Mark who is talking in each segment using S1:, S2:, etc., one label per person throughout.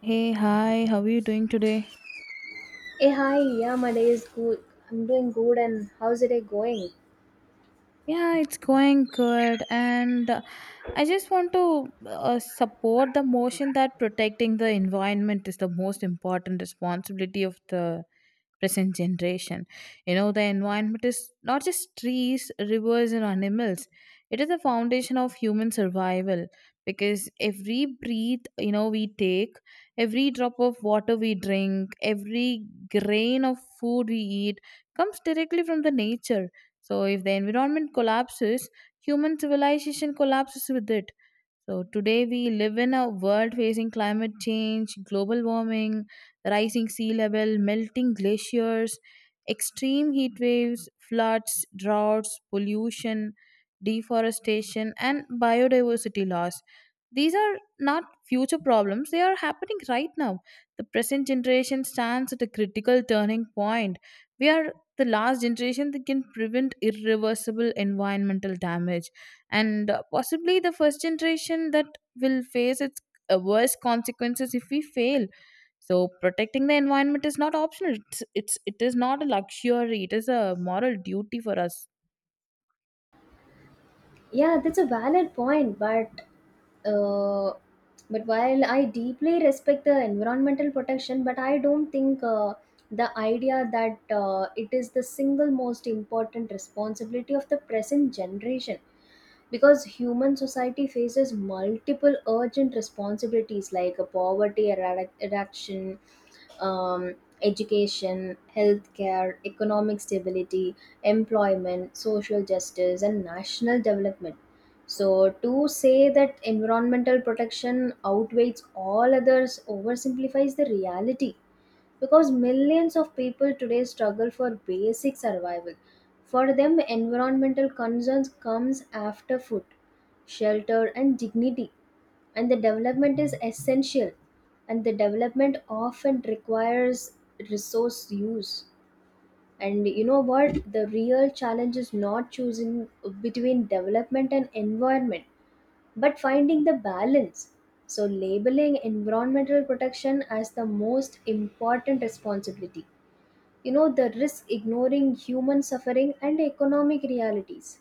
S1: Hey, hi, how are you doing today?
S2: Hey, hi, yeah, my day is good. I'm doing good, and how's the day going?
S1: Yeah, it's going good, and I just want to support the motion that protecting the environment is the most important responsibility of the present generation. You know, the environment is not just trees, rivers, and animals, it is the foundation of human survival because every breath we take, every drop of water we drink, every grain of food we eat comes directly from the nature. So, if the environment collapses, human civilization collapses with it. So today we live in a world facing climate change, global warming, rising sea level, melting glaciers, extreme heat waves, floods, droughts, pollution, deforestation and biodiversity loss. These are not future problems, they are happening right now. The present generation stands at a critical turning point. We are the last generation that can prevent irreversible environmental damage and possibly the first generation that will face its worst consequences if we fail. So protecting the environment is not optional, it's it is not a luxury, it is a moral duty for us.
S2: Yeah, that's a valid point, but uh, but while I deeply respect the environmental protection, but I don't think the idea that it is the single most important responsibility of the present generation, because human society faces multiple urgent responsibilities like a eradication, um, education, healthcare, economic stability, employment, social justice, and national development. So, to say that environmental protection outweighs all others oversimplifies the reality, because millions of people today struggle for basic survival. For them, environmental concerns comes after food, shelter, and dignity. And the development is essential, and the development often requires resource use. And you know what? The real challenge is not choosing between development and environment, but finding the balance. So, labeling environmental protection as the most important responsibility, you know, the risk ignoring human suffering and economic realities.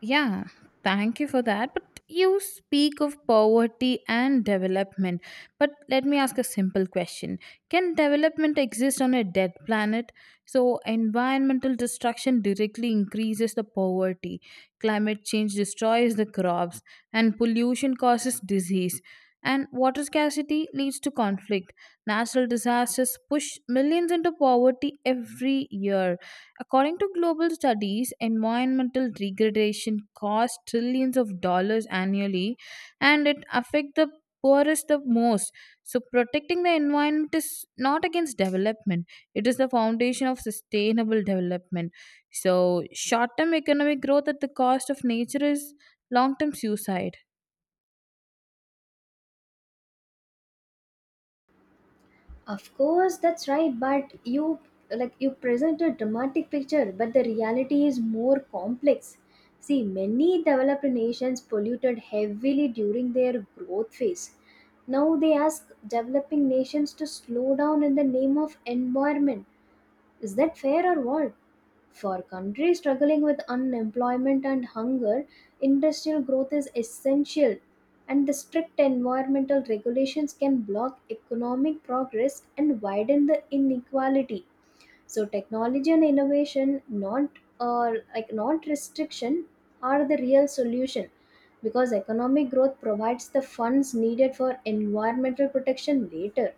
S1: Yeah, thank you for that. But you speak of poverty and development. But let me ask a simple question. Can development exist on a dead planet? So, environmental destruction directly increases the poverty, climate change destroys the crops, and pollution causes disease. And water scarcity leads to conflict. Natural disasters push millions into poverty every year. According to global studies, environmental degradation costs trillions of dollars annually and it affects the poorest the most. So protecting the environment is not against development. It is the foundation of sustainable development. So short-term economic growth at the cost of nature is long-term suicide.
S2: Of course, that's right, but you like you present a dramatic picture, but the reality is more complex. See, many developed nations polluted heavily during their growth phase. Now they ask developing nations to slow down in the name of environment. Is that fair or what? For countries struggling with unemployment and hunger, industrial growth is essential, and the strict environmental regulations can block economic progress and widen the inequality. So, technology and innovation, not restriction, are the real solution, because economic growth provides the funds needed for environmental protection later.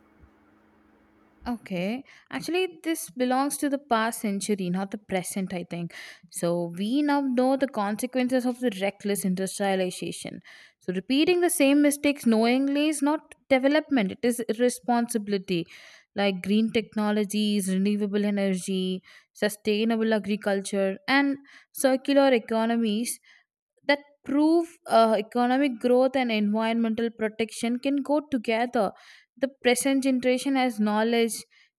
S1: Okay, actually, this belongs to the past century, not the present, I think. So, we now know the consequences of the reckless industrialization. So, repeating the same mistakes knowingly is not development, it is irresponsibility. Like green technologies, renewable energy, sustainable agriculture, and circular economies that prove economic growth and environmental protection can go together. The present generation has knowledge,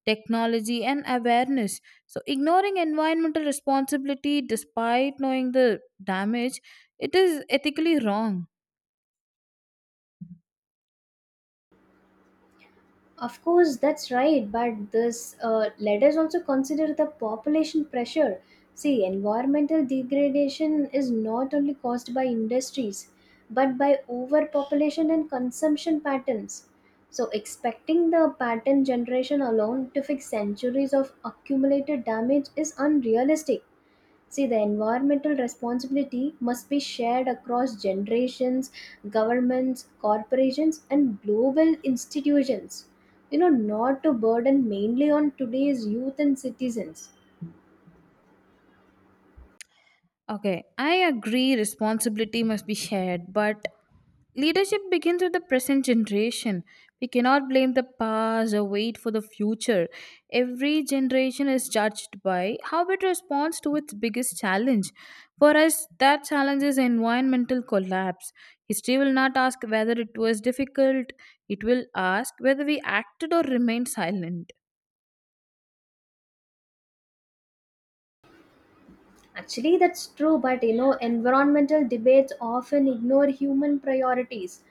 S1: technology, and awareness. So, ignoring environmental responsibility despite knowing the damage, it is ethically wrong.
S2: Of course, that's right. But this let us also consider the population pressure. See, environmental degradation is not only caused by industries, but by overpopulation and consumption patterns. So, expecting the pattern generation alone to fix centuries of accumulated damage is unrealistic. See, the environmental responsibility must be shared across generations, governments, corporations, and global institutions. You know, not to burden mainly on today's youth and citizens.
S1: Okay, I agree responsibility must be shared, but leadership begins with the present generation. We cannot blame the past or wait for the future. Every generation is judged by how it responds to its biggest challenge. For us, that challenge is environmental collapse. History will not ask whether it was difficult, it will ask whether we acted or remained silent.
S2: Actually, that's true, but you know, environmental debates often ignore human priorities.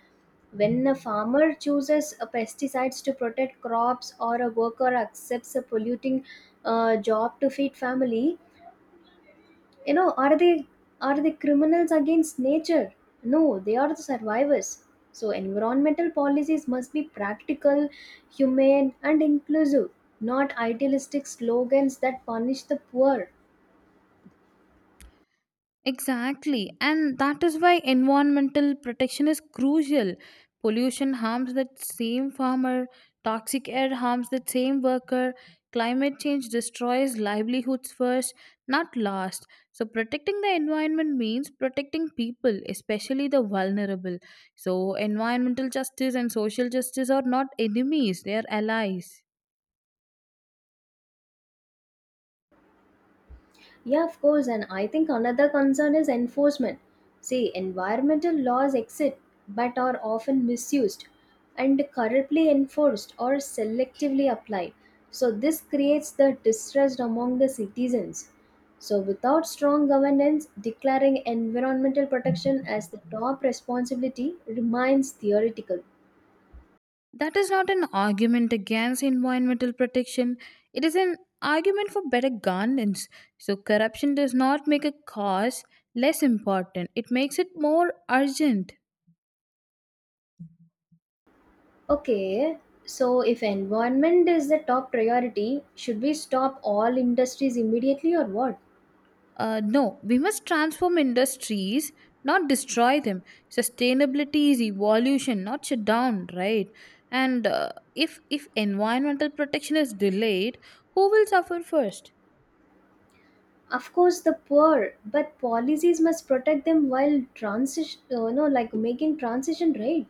S2: When a farmer chooses a pesticides to protect crops or a worker accepts a polluting job to feed family, you know, are they criminals against nature? No, they are the survivors. So environmental policies must be practical, humane, and inclusive, not idealistic slogans that punish the poor.
S1: Exactly, and that is why environmental protection is crucial. Pollution harms that same farmer, toxic air harms that same worker, climate change destroys livelihoods first, not last. So, protecting the environment means protecting people, especially the vulnerable. So, environmental justice and social justice are not enemies, they are allies.
S2: Yeah, of course. And I think another concern is enforcement. See, environmental laws exist but are often misused and corruptly enforced or selectively applied. So, this creates the distrust among the citizens. So, without strong governance, declaring environmental protection as the top responsibility remains theoretical.
S1: That is not an argument against environmental protection. It is an argument for better governance. So, corruption does not make a cause less important, it makes it more urgent.
S2: Okay, so if environment is the top priority, should we stop all industries immediately or what?
S1: No, we must transform industries, not destroy them. Sustainability is evolution, not shutdown, right? And if environmental protection is delayed, who will suffer first?
S2: Of course the poor, but policies must protect them while transition, you know, like making transition right.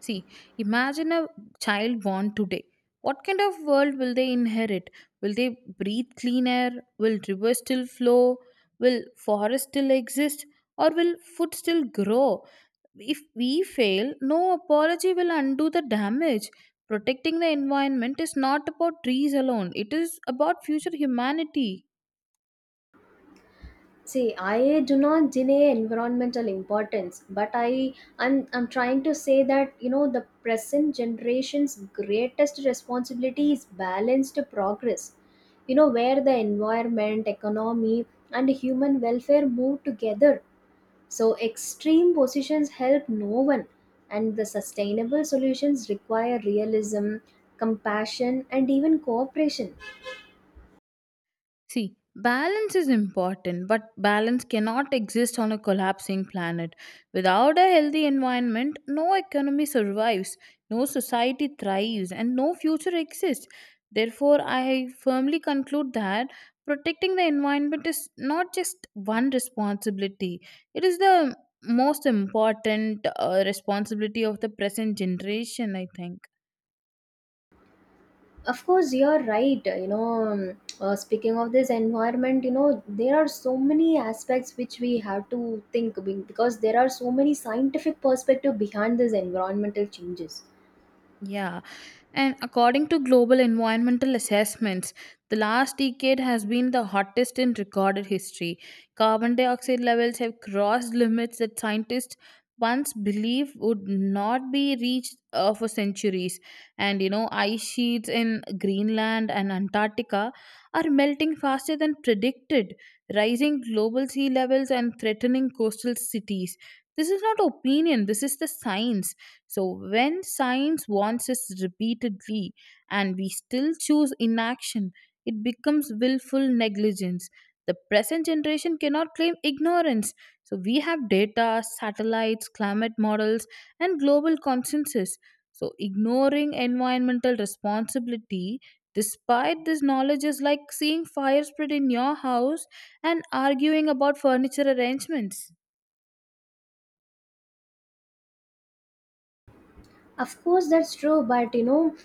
S1: See, imagine a child born today. What kind of world will they inherit? Will they breathe clean air? Will rivers still flow? Will forests still exist? Or will food still grow? If we fail, no apology will undo the damage. Protecting the environment is not about trees alone, it is about future humanity.
S2: See, I do not deny environmental importance, but I'm trying to say that, you know, the present generation's greatest responsibility is balanced progress, you know, where the environment, economy, and human welfare move together. So, extreme positions help no one, and the sustainable solutions require realism, compassion, and even cooperation.
S1: See, balance is important, but balance cannot exist on a collapsing planet. Without a healthy environment, no economy survives, no society thrives, and no future exists. Therefore, I firmly conclude that protecting the environment is not just one responsibility, it is the most important responsibility of the present generation, I think.
S2: Of course, you're right. You know, speaking of this environment, you know, there are so many aspects which we have to because there are so many scientific perspective behind these environmental changes.
S1: Yeah, and according to global environmental assessments, the last decade has been the hottest in recorded history. Carbon dioxide levels have crossed limits that scientists once believed would not be reached for centuries. And you know, ice sheets in Greenland and Antarctica are melting faster than predicted, rising global sea levels and threatening coastal cities. This is not opinion, this is the science. So, when science warns us repeatedly and we still choose inaction, it becomes willful negligence. The present generation cannot claim ignorance. So, we have data, satellites, climate models, and global consensus. So, ignoring environmental responsibility despite this knowledge is like seeing fire spread in your house and arguing about furniture arrangements.
S2: Of course, that's true, but you know,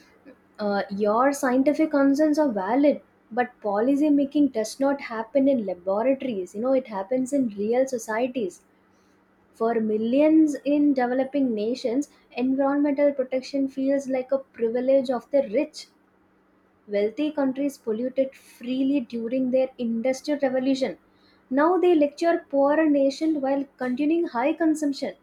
S2: your scientific concerns are valid, but policy making does not happen in laboratories. You know, it happens in real societies. For millions in developing nations, environmental protection feels like a privilege of the rich. Wealthy countries polluted freely during their industrial revolution. Now they lecture poorer nations while continuing high consumption.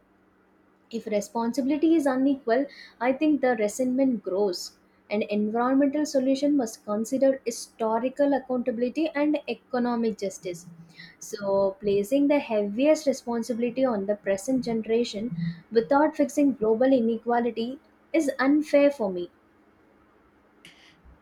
S2: If responsibility is unequal, I think the resentment grows. An environmental solution must consider historical accountability and economic justice. So, placing the heaviest responsibility on the present generation without fixing global inequality is unfair for me.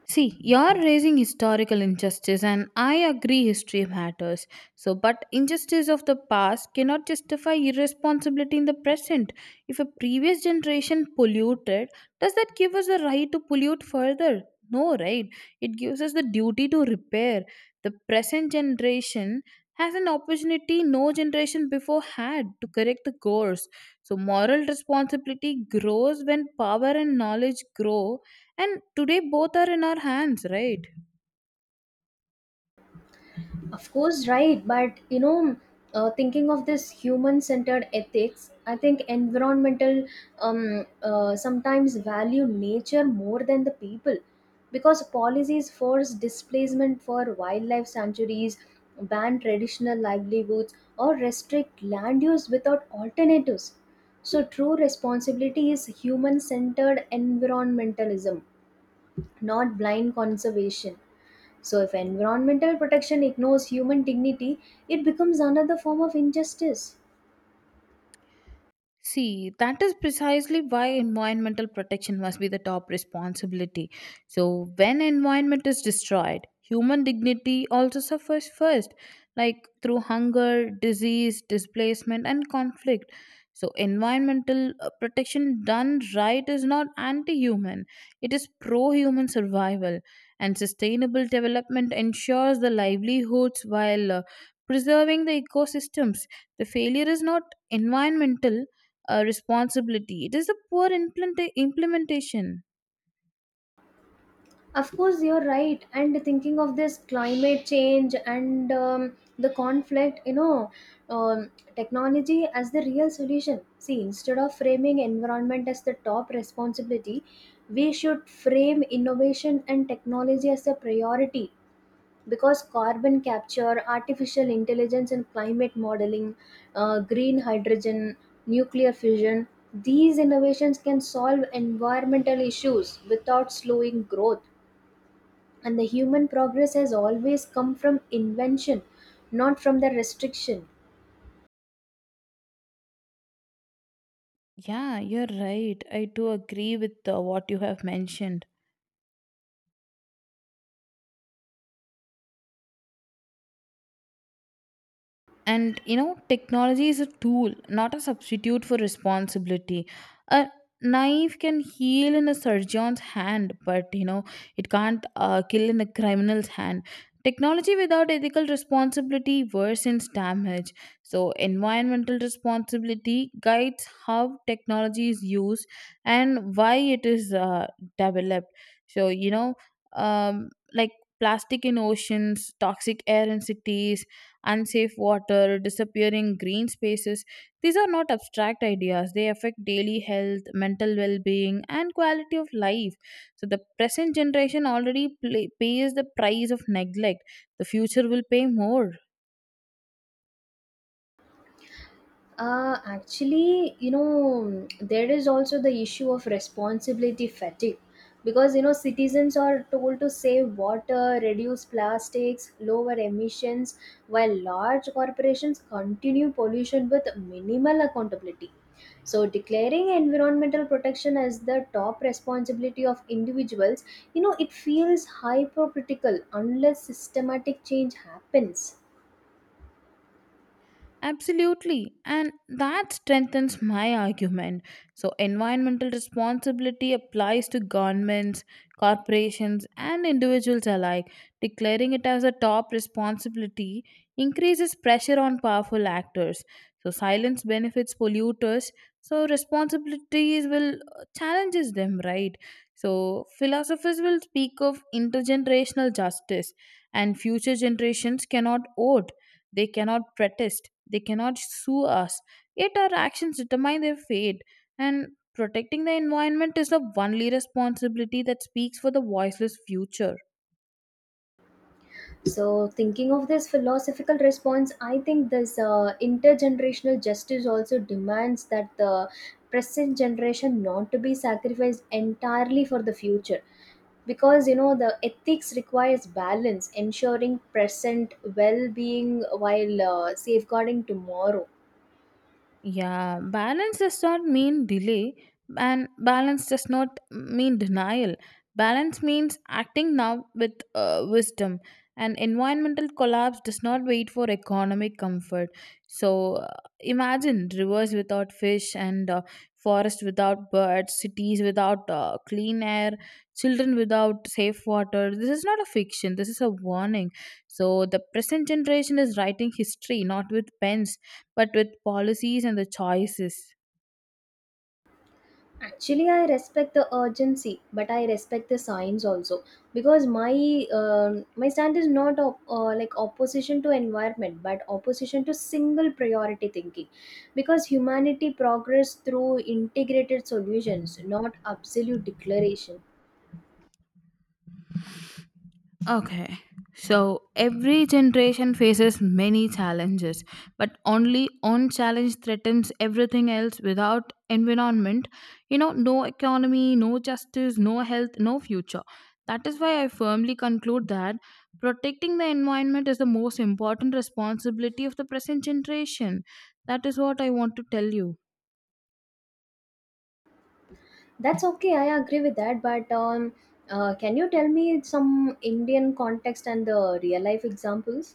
S1: See, you're raising historical injustice, and I agree history matters. So, but injustice of the past cannot justify irresponsibility in the present. If a previous generation polluted, does that give us the right to pollute further? No, right? It gives us the duty to repair. The present generation has an opportunity no generation before had to correct the course. So, moral responsibility grows when power and knowledge grow, and today both are in our hands, right?
S2: Of course, right. But you know, thinking of this human-centered ethics, I think environmental sometimes value nature more than the people, because policies force displacement for wildlife sanctuaries, ban traditional livelihoods, or restrict land use without alternatives. So, true responsibility is human-centered environmentalism, not blind conservation. So, if environmental protection ignores human dignity, it becomes another form of injustice.
S1: See, that is precisely why environmental protection must be the top responsibility. So, when environment is destroyed, human dignity also suffers first, like through hunger, disease, displacement, and conflict. So, environmental protection done right is not anti human, it is pro human survival. And sustainable development ensures the livelihoods while preserving the ecosystems. The failure is not environmental responsibility. It is the poor implementation.
S2: Of course, you're right. And thinking of this climate change and the conflict, you know, technology as the real solution. See, instead of framing environment as the top responsibility, we should frame innovation and technology as a priority, because carbon capture, artificial intelligence, and climate modeling, green hydrogen, nuclear fusion, these innovations can solve environmental issues without slowing growth. And the human progress has always come from invention, not from the restriction.
S1: Yeah, you're right. I do agree with what you have mentioned. And you know, technology is a tool, not a substitute for responsibility. A knife can heal in a surgeon's hand, but you know, it can't kill in a criminal's hand. Technology without ethical responsibility worsens damage. So environmental responsibility guides how technology is used and why it is developed. So um, like plastic in oceans, toxic air in cities, unsafe water, disappearing green spaces. These are not abstract ideas, they affect daily health, mental well being, and quality of life. So, the present generation already pays the price of neglect, the future will pay more.
S2: Actually, you know, there is also the issue of responsibility fatigue, because you know citizens are told to save water, reduce plastics, lower emissions, while large corporations continue pollution with minimal accountability. So, declaring environmental protection as the top responsibility of individuals, you know, it feels hypocritical unless systematic change happens.
S1: Absolutely, and that strengthens my argument. So, environmental responsibility applies to governments, corporations, and individuals alike. Declaring it as a top responsibility increases pressure on powerful actors. So, silence benefits polluters, so, responsibilities will challenges them, right? So, philosophers will speak of intergenerational justice, and future generations cannot owe, they cannot protest, they cannot sue us. Yet our actions determine their fate. And protecting the environment is the only responsibility that speaks for the voiceless future.
S2: So, thinking of this philosophical response, I think this intergenerational justice also demands that the present generation not to be sacrificed entirely for the future, because you know the ethics requires balance, ensuring present well-being while safeguarding tomorrow.
S1: Yeah, balance does not mean delay, and balance does not mean denial. Balance means acting now with wisdom. And environmental collapse does not wait for economic comfort. So imagine rivers without fish, and forests without birds, cities without clean air, children without safe water. This is not a fiction, this is a warning. So the present generation is writing history not with pens but with policies and the choices.
S2: Actually, I respect the urgency, but I respect the science also, because my my stand is not opposition to environment, but opposition to single priority thinking, because humanity progress through integrated solutions, not absolute declaration.
S1: Okay, so every generation faces many challenges, but only one challenge threatens everything else without environment. You know, no economy, no justice, no health, no future. That is why I firmly conclude that protecting the environment is the most important responsibility of the present generation. That is what I want to tell you.
S2: That's okay. I agree with that, but can you tell me some Indian context and the real life examples?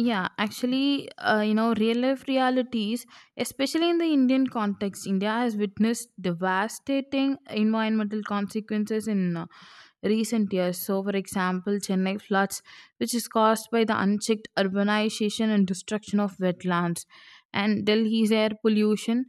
S1: Yeah, actually, you know, real life realities, especially in the Indian context, India has witnessed devastating environmental consequences in recent years. So, for example, Chennai floods, which is caused by the unchecked urbanization and destruction of wetlands, and Delhi's air pollution,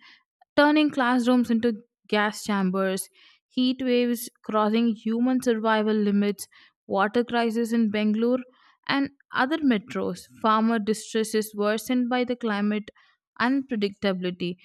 S1: turning classrooms into gas chambers, heat waves crossing human survival limits, water crisis in Bangalore and other metros, farmer distress is worsened by the climate unpredictability.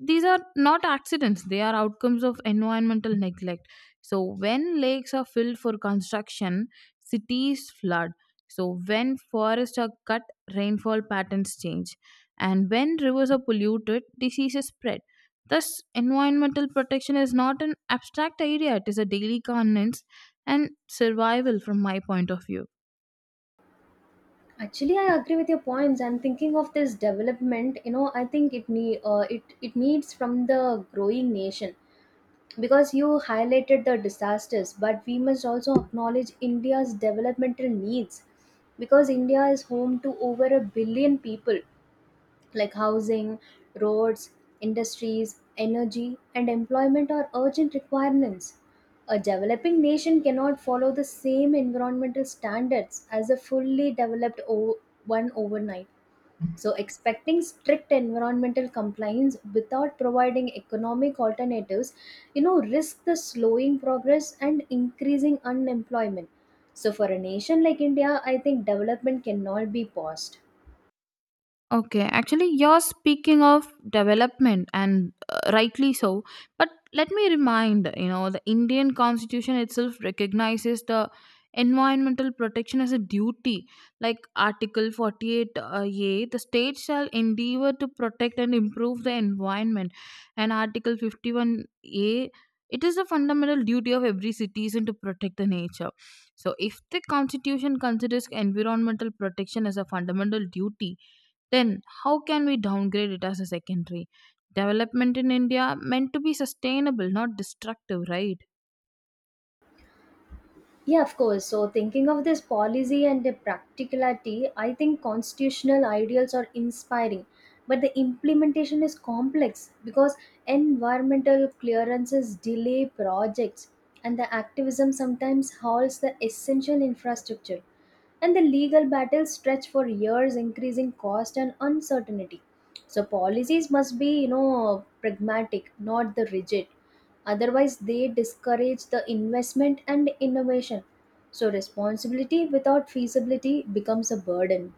S1: These are not accidents, they are outcomes of environmental neglect. So when lakes are filled for construction, cities flood. So when forests are cut, rainfall patterns change. And when rivers are polluted, diseases spread. Thus environmental protection is not an abstract idea, it is a daily governance and survival from my point of view.
S2: Actually, I agree with your points. I'm thinking of this development. You know, I think it needs from the growing nation, because you highlighted the disasters, but we must also acknowledge India's developmental needs, because India is home to over a billion people, like housing, roads, industries, energy, and employment are urgent requirements. A developing nation cannot follow the same environmental standards as a fully one overnight. So, expecting strict environmental compliance without providing economic alternatives, you know, risk the slowing progress and increasing unemployment. So, for a nation like India, I think development cannot be paused.
S1: Okay, actually, you're speaking of development, and rightly so. But let me remind you know, the Indian Constitution itself recognizes the environmental protection as a duty. Like Article 48 A, the state shall endeavor to protect and improve the environment. And Article 51 A, it is a fundamental duty of every citizen to protect the nature. So, if the Constitution considers environmental protection as a fundamental duty, then, how can we downgrade it as a secondary? Development in India meant to be sustainable, not destructive, right?
S2: Yeah, of course. So, thinking of this policy and the practicality, I think constitutional ideals are inspiring, but the implementation is complex, because environmental clearances delay projects, and the activism sometimes halts the essential infrastructure, and the legal battles stretch for years, increasing cost and uncertainty. So policies must be, you know, pragmatic, not the rigid, otherwise they discourage the investment and innovation. So responsibility without feasibility becomes a burden.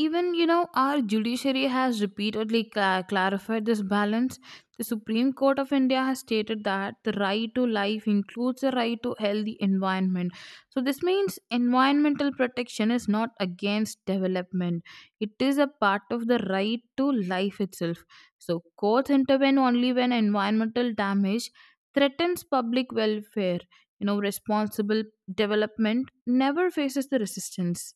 S1: Even, you know, our judiciary has repeatedly clarified this balance. The Supreme Court of India has stated that the right to life includes the right to healthy environment. So this means environmental protection is not against development. It is a part of the right to life itself. So courts intervene only when environmental damage threatens public welfare. You know, responsible development never faces the resistance.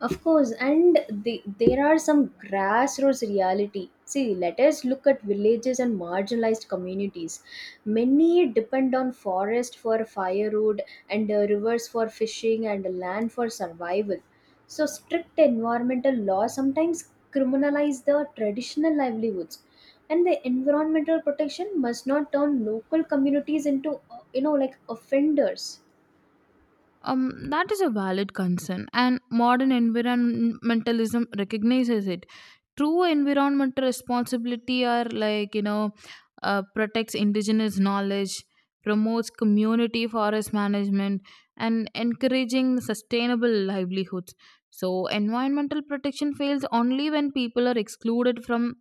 S2: Of course, and the, there are some grassroots reality. See, let us look at villages and marginalized communities. Many depend on forest for firewood and rivers for fishing and land for survival. So strict environmental laws sometimes criminalize the traditional livelihoods. And the environmental protection must not turn local communities into, you know, like offenders.
S1: That is a valid concern, and modern environmentalism recognizes it. True environmental responsibility are protects indigenous knowledge, promotes community forest management, and encouraging sustainable livelihoods. So, environmental protection fails only when people are excluded from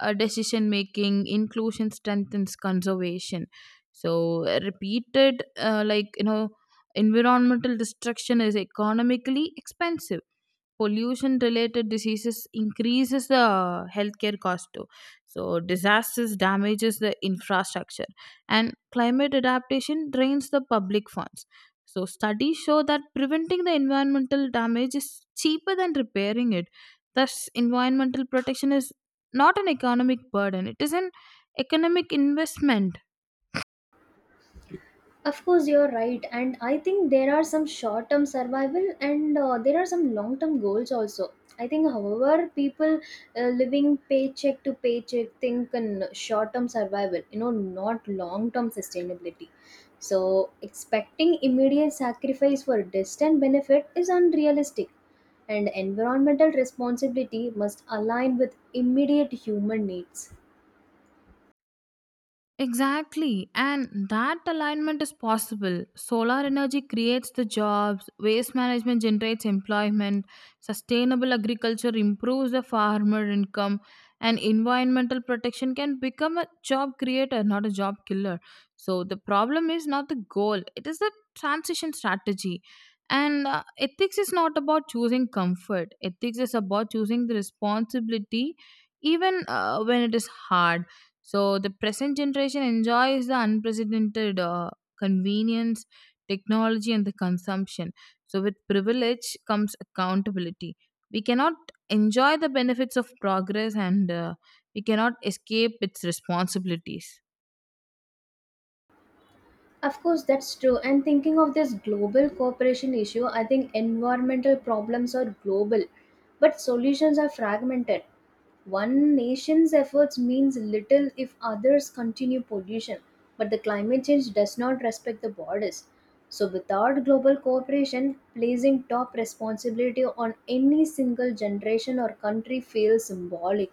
S1: decision making. Inclusion strengthens conservation. So, repeated, like, you know, environmental destruction is economically expensive. Pollution related diseases increases the healthcare cost too. So disasters damages the infrastructure, and climate adaptation drains the public funds. So studies show that preventing the environmental damage is cheaper than repairing it. Thus, environmental protection is not an economic burden, it is an economic investment.
S2: Of course, you're right, and I think there are some short term survival and there are some long term goals also. I think, however, people living paycheck to paycheck think in short term survival, you know, not long term sustainability. So, expecting immediate sacrifice for distant benefit is unrealistic, and environmental responsibility must align with immediate human needs.
S1: Exactly, and that alignment is possible. Solar energy creates the jobs, waste management generates employment, sustainable agriculture improves the farmer income, and environmental protection can become a job creator, not a job killer. So, the problem is not the goal, it is the transition strategy. And ethics is not about choosing comfort, ethics is about choosing the responsibility even when it is hard. So the present generation enjoys the unprecedented convenience, technology, and the consumption. So with privilege comes accountability. We cannot enjoy the benefits of progress, and we cannot escape its responsibilities.
S2: Of course, that's true. And thinking of this global cooperation issue, I think environmental problems are global, but solutions are fragmented. One nation's efforts means little if others continue pollution, but the climate change does not respect the borders. So, without global cooperation, placing top responsibility on any single generation or country feels symbolic.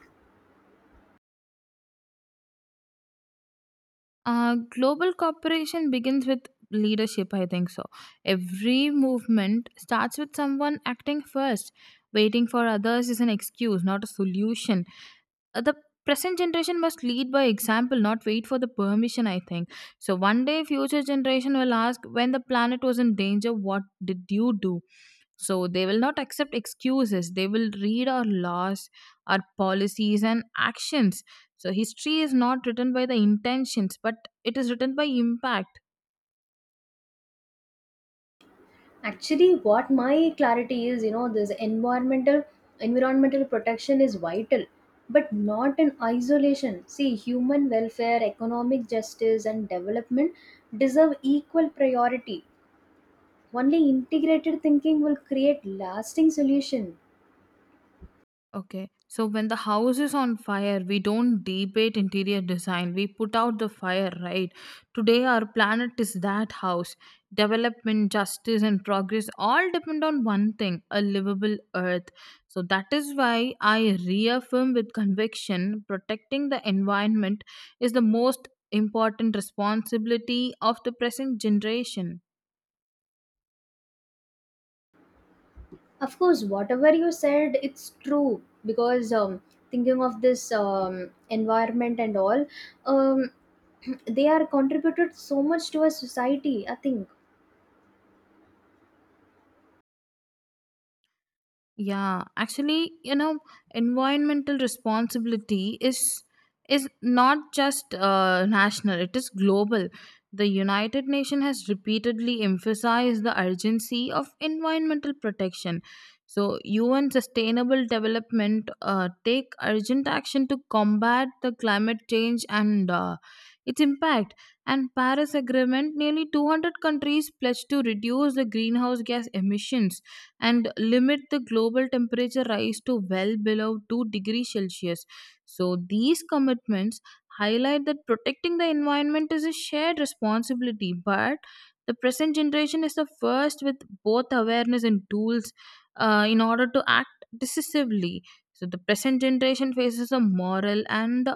S1: Global cooperation begins with leadership, I think so. Every movement starts with someone acting first. Waiting for others is an excuse, not a solution. The present generation must lead by example, not wait for the permission, I think. So one day, future generation will ask, when the planet was in danger, what did you do? So they will not accept excuses. They will read our laws, our policies, and actions. So history is not written by the intentions, but it is written by impact.
S2: Actually, what my clarity is, you know, this environmental protection is vital, but not in isolation. See, human welfare, economic justice, and development deserve equal priority. Only integrated thinking will create lasting solution.
S1: Okay. So when the house is on fire, we don't debate interior design. We put out the fire, right? Today, our planet is that house. Development, justice, and progress all depend on one thing, a livable earth. So that is why I reaffirm with conviction, protecting the environment is the most important responsibility of the present generation.
S2: Of course, whatever you said it's true, because thinking of this environment and all, um, they are contributed so much to a society, I think.
S1: Yeah, actually, you know, environmental responsibility is not just national, it is global. The United Nations has repeatedly emphasized the urgency of environmental protection. So UN sustainable development, take urgent action to combat the climate change and its impact. And Paris agreement, nearly 200 countries pledged to reduce the greenhouse gas emissions and limit the global temperature rise to well below 2 degrees Celsius. So, these commitments highlight that protecting the environment is a shared responsibility, but the present generation is the first with both awareness and tools in order to act decisively. So, the present generation faces a moral and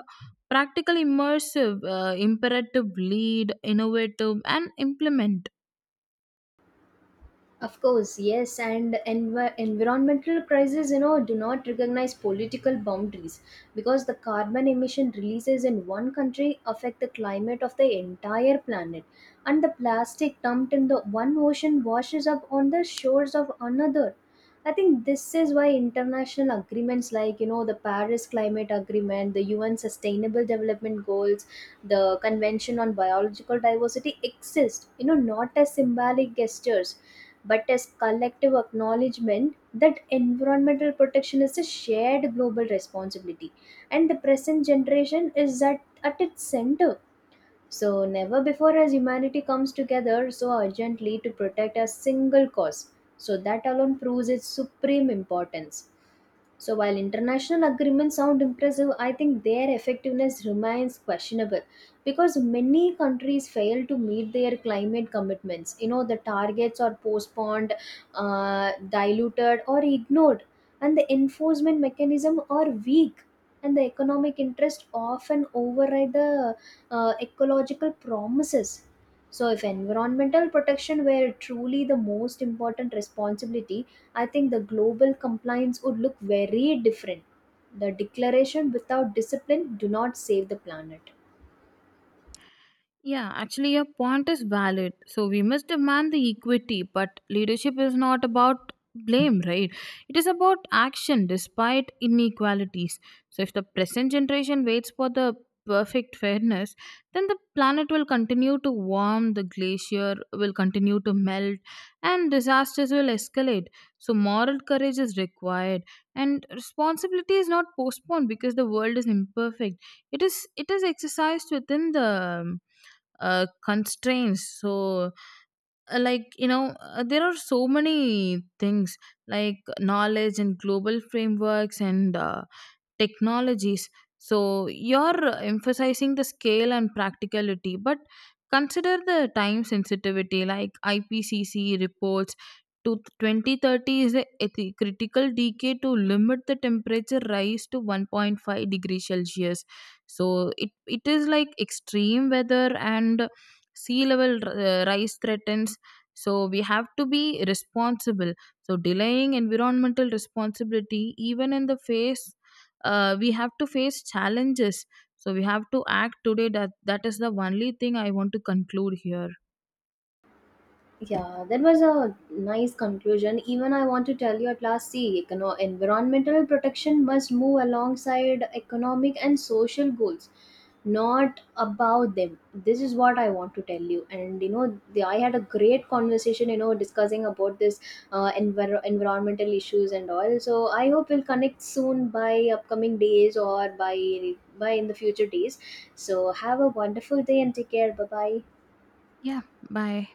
S1: practical immersive imperative, lead innovative and implement.
S2: Of course, yes, and environmental crises, you know, do not recognize political boundaries, because the carbon emission releases in one country affect the climate of the entire planet, and the plastic dumped in the one ocean washes up on the shores of another. I think this is why international agreements like, you know, the Paris Climate Agreement, the UN Sustainable Development Goals, the Convention on Biological Diversity exist, you know, not as symbolic gestures but as collective acknowledgement that environmental protection is a shared global responsibility, and the present generation is at its center. So, never before has humanity comes together so urgently to protect a single cause. So, that alone proves its supreme importance. So while international agreements sound impressive, I think their effectiveness remains questionable, because many countries fail to meet their climate commitments. You know, the targets are postponed, diluted, or ignored, and the enforcement mechanism are weak. And the economic interest often override the ecological promises. So, if environmental protection were truly the most important responsibility, I think the global compliance would look very different. The declaration without discipline do not save the planet.
S1: Yeah, actually, your point is valid. So, we must demand the equity, but leadership is not about blame, right? It is about action despite inequalities. So, if the present generation waits for the perfect fairness, then the planet will continue to warm, the glacier will continue to melt, and disasters will escalate. So, moral courage is required, and responsibility is not postponed because the world is imperfect. It is exercised within the um, constraints. So there are so many things like knowledge and global frameworks and technologies. So you're emphasizing the scale and practicality, but consider the time sensitivity. Like IPCC reports to 2030 is a critical decade to limit the temperature rise to 1.5 degree Celsius. So it is like extreme weather and sea level rise threatens. So we have to be responsible. So delaying environmental responsibility, even in the face, we have to face challenges. So we have to act today. That is the only thing I want to conclude here.
S2: Yeah, that was a nice conclusion. Even I want to tell you at last, see, environmental protection must move alongside economic and social goals, not about them. This is what I want to tell you. And you know, the, I had a great conversation, you know, discussing about this environmental issues and all. So I hope we'll connect soon by upcoming days or by in the future days. So have a wonderful day and take care. Bye bye.
S1: Yeah, bye.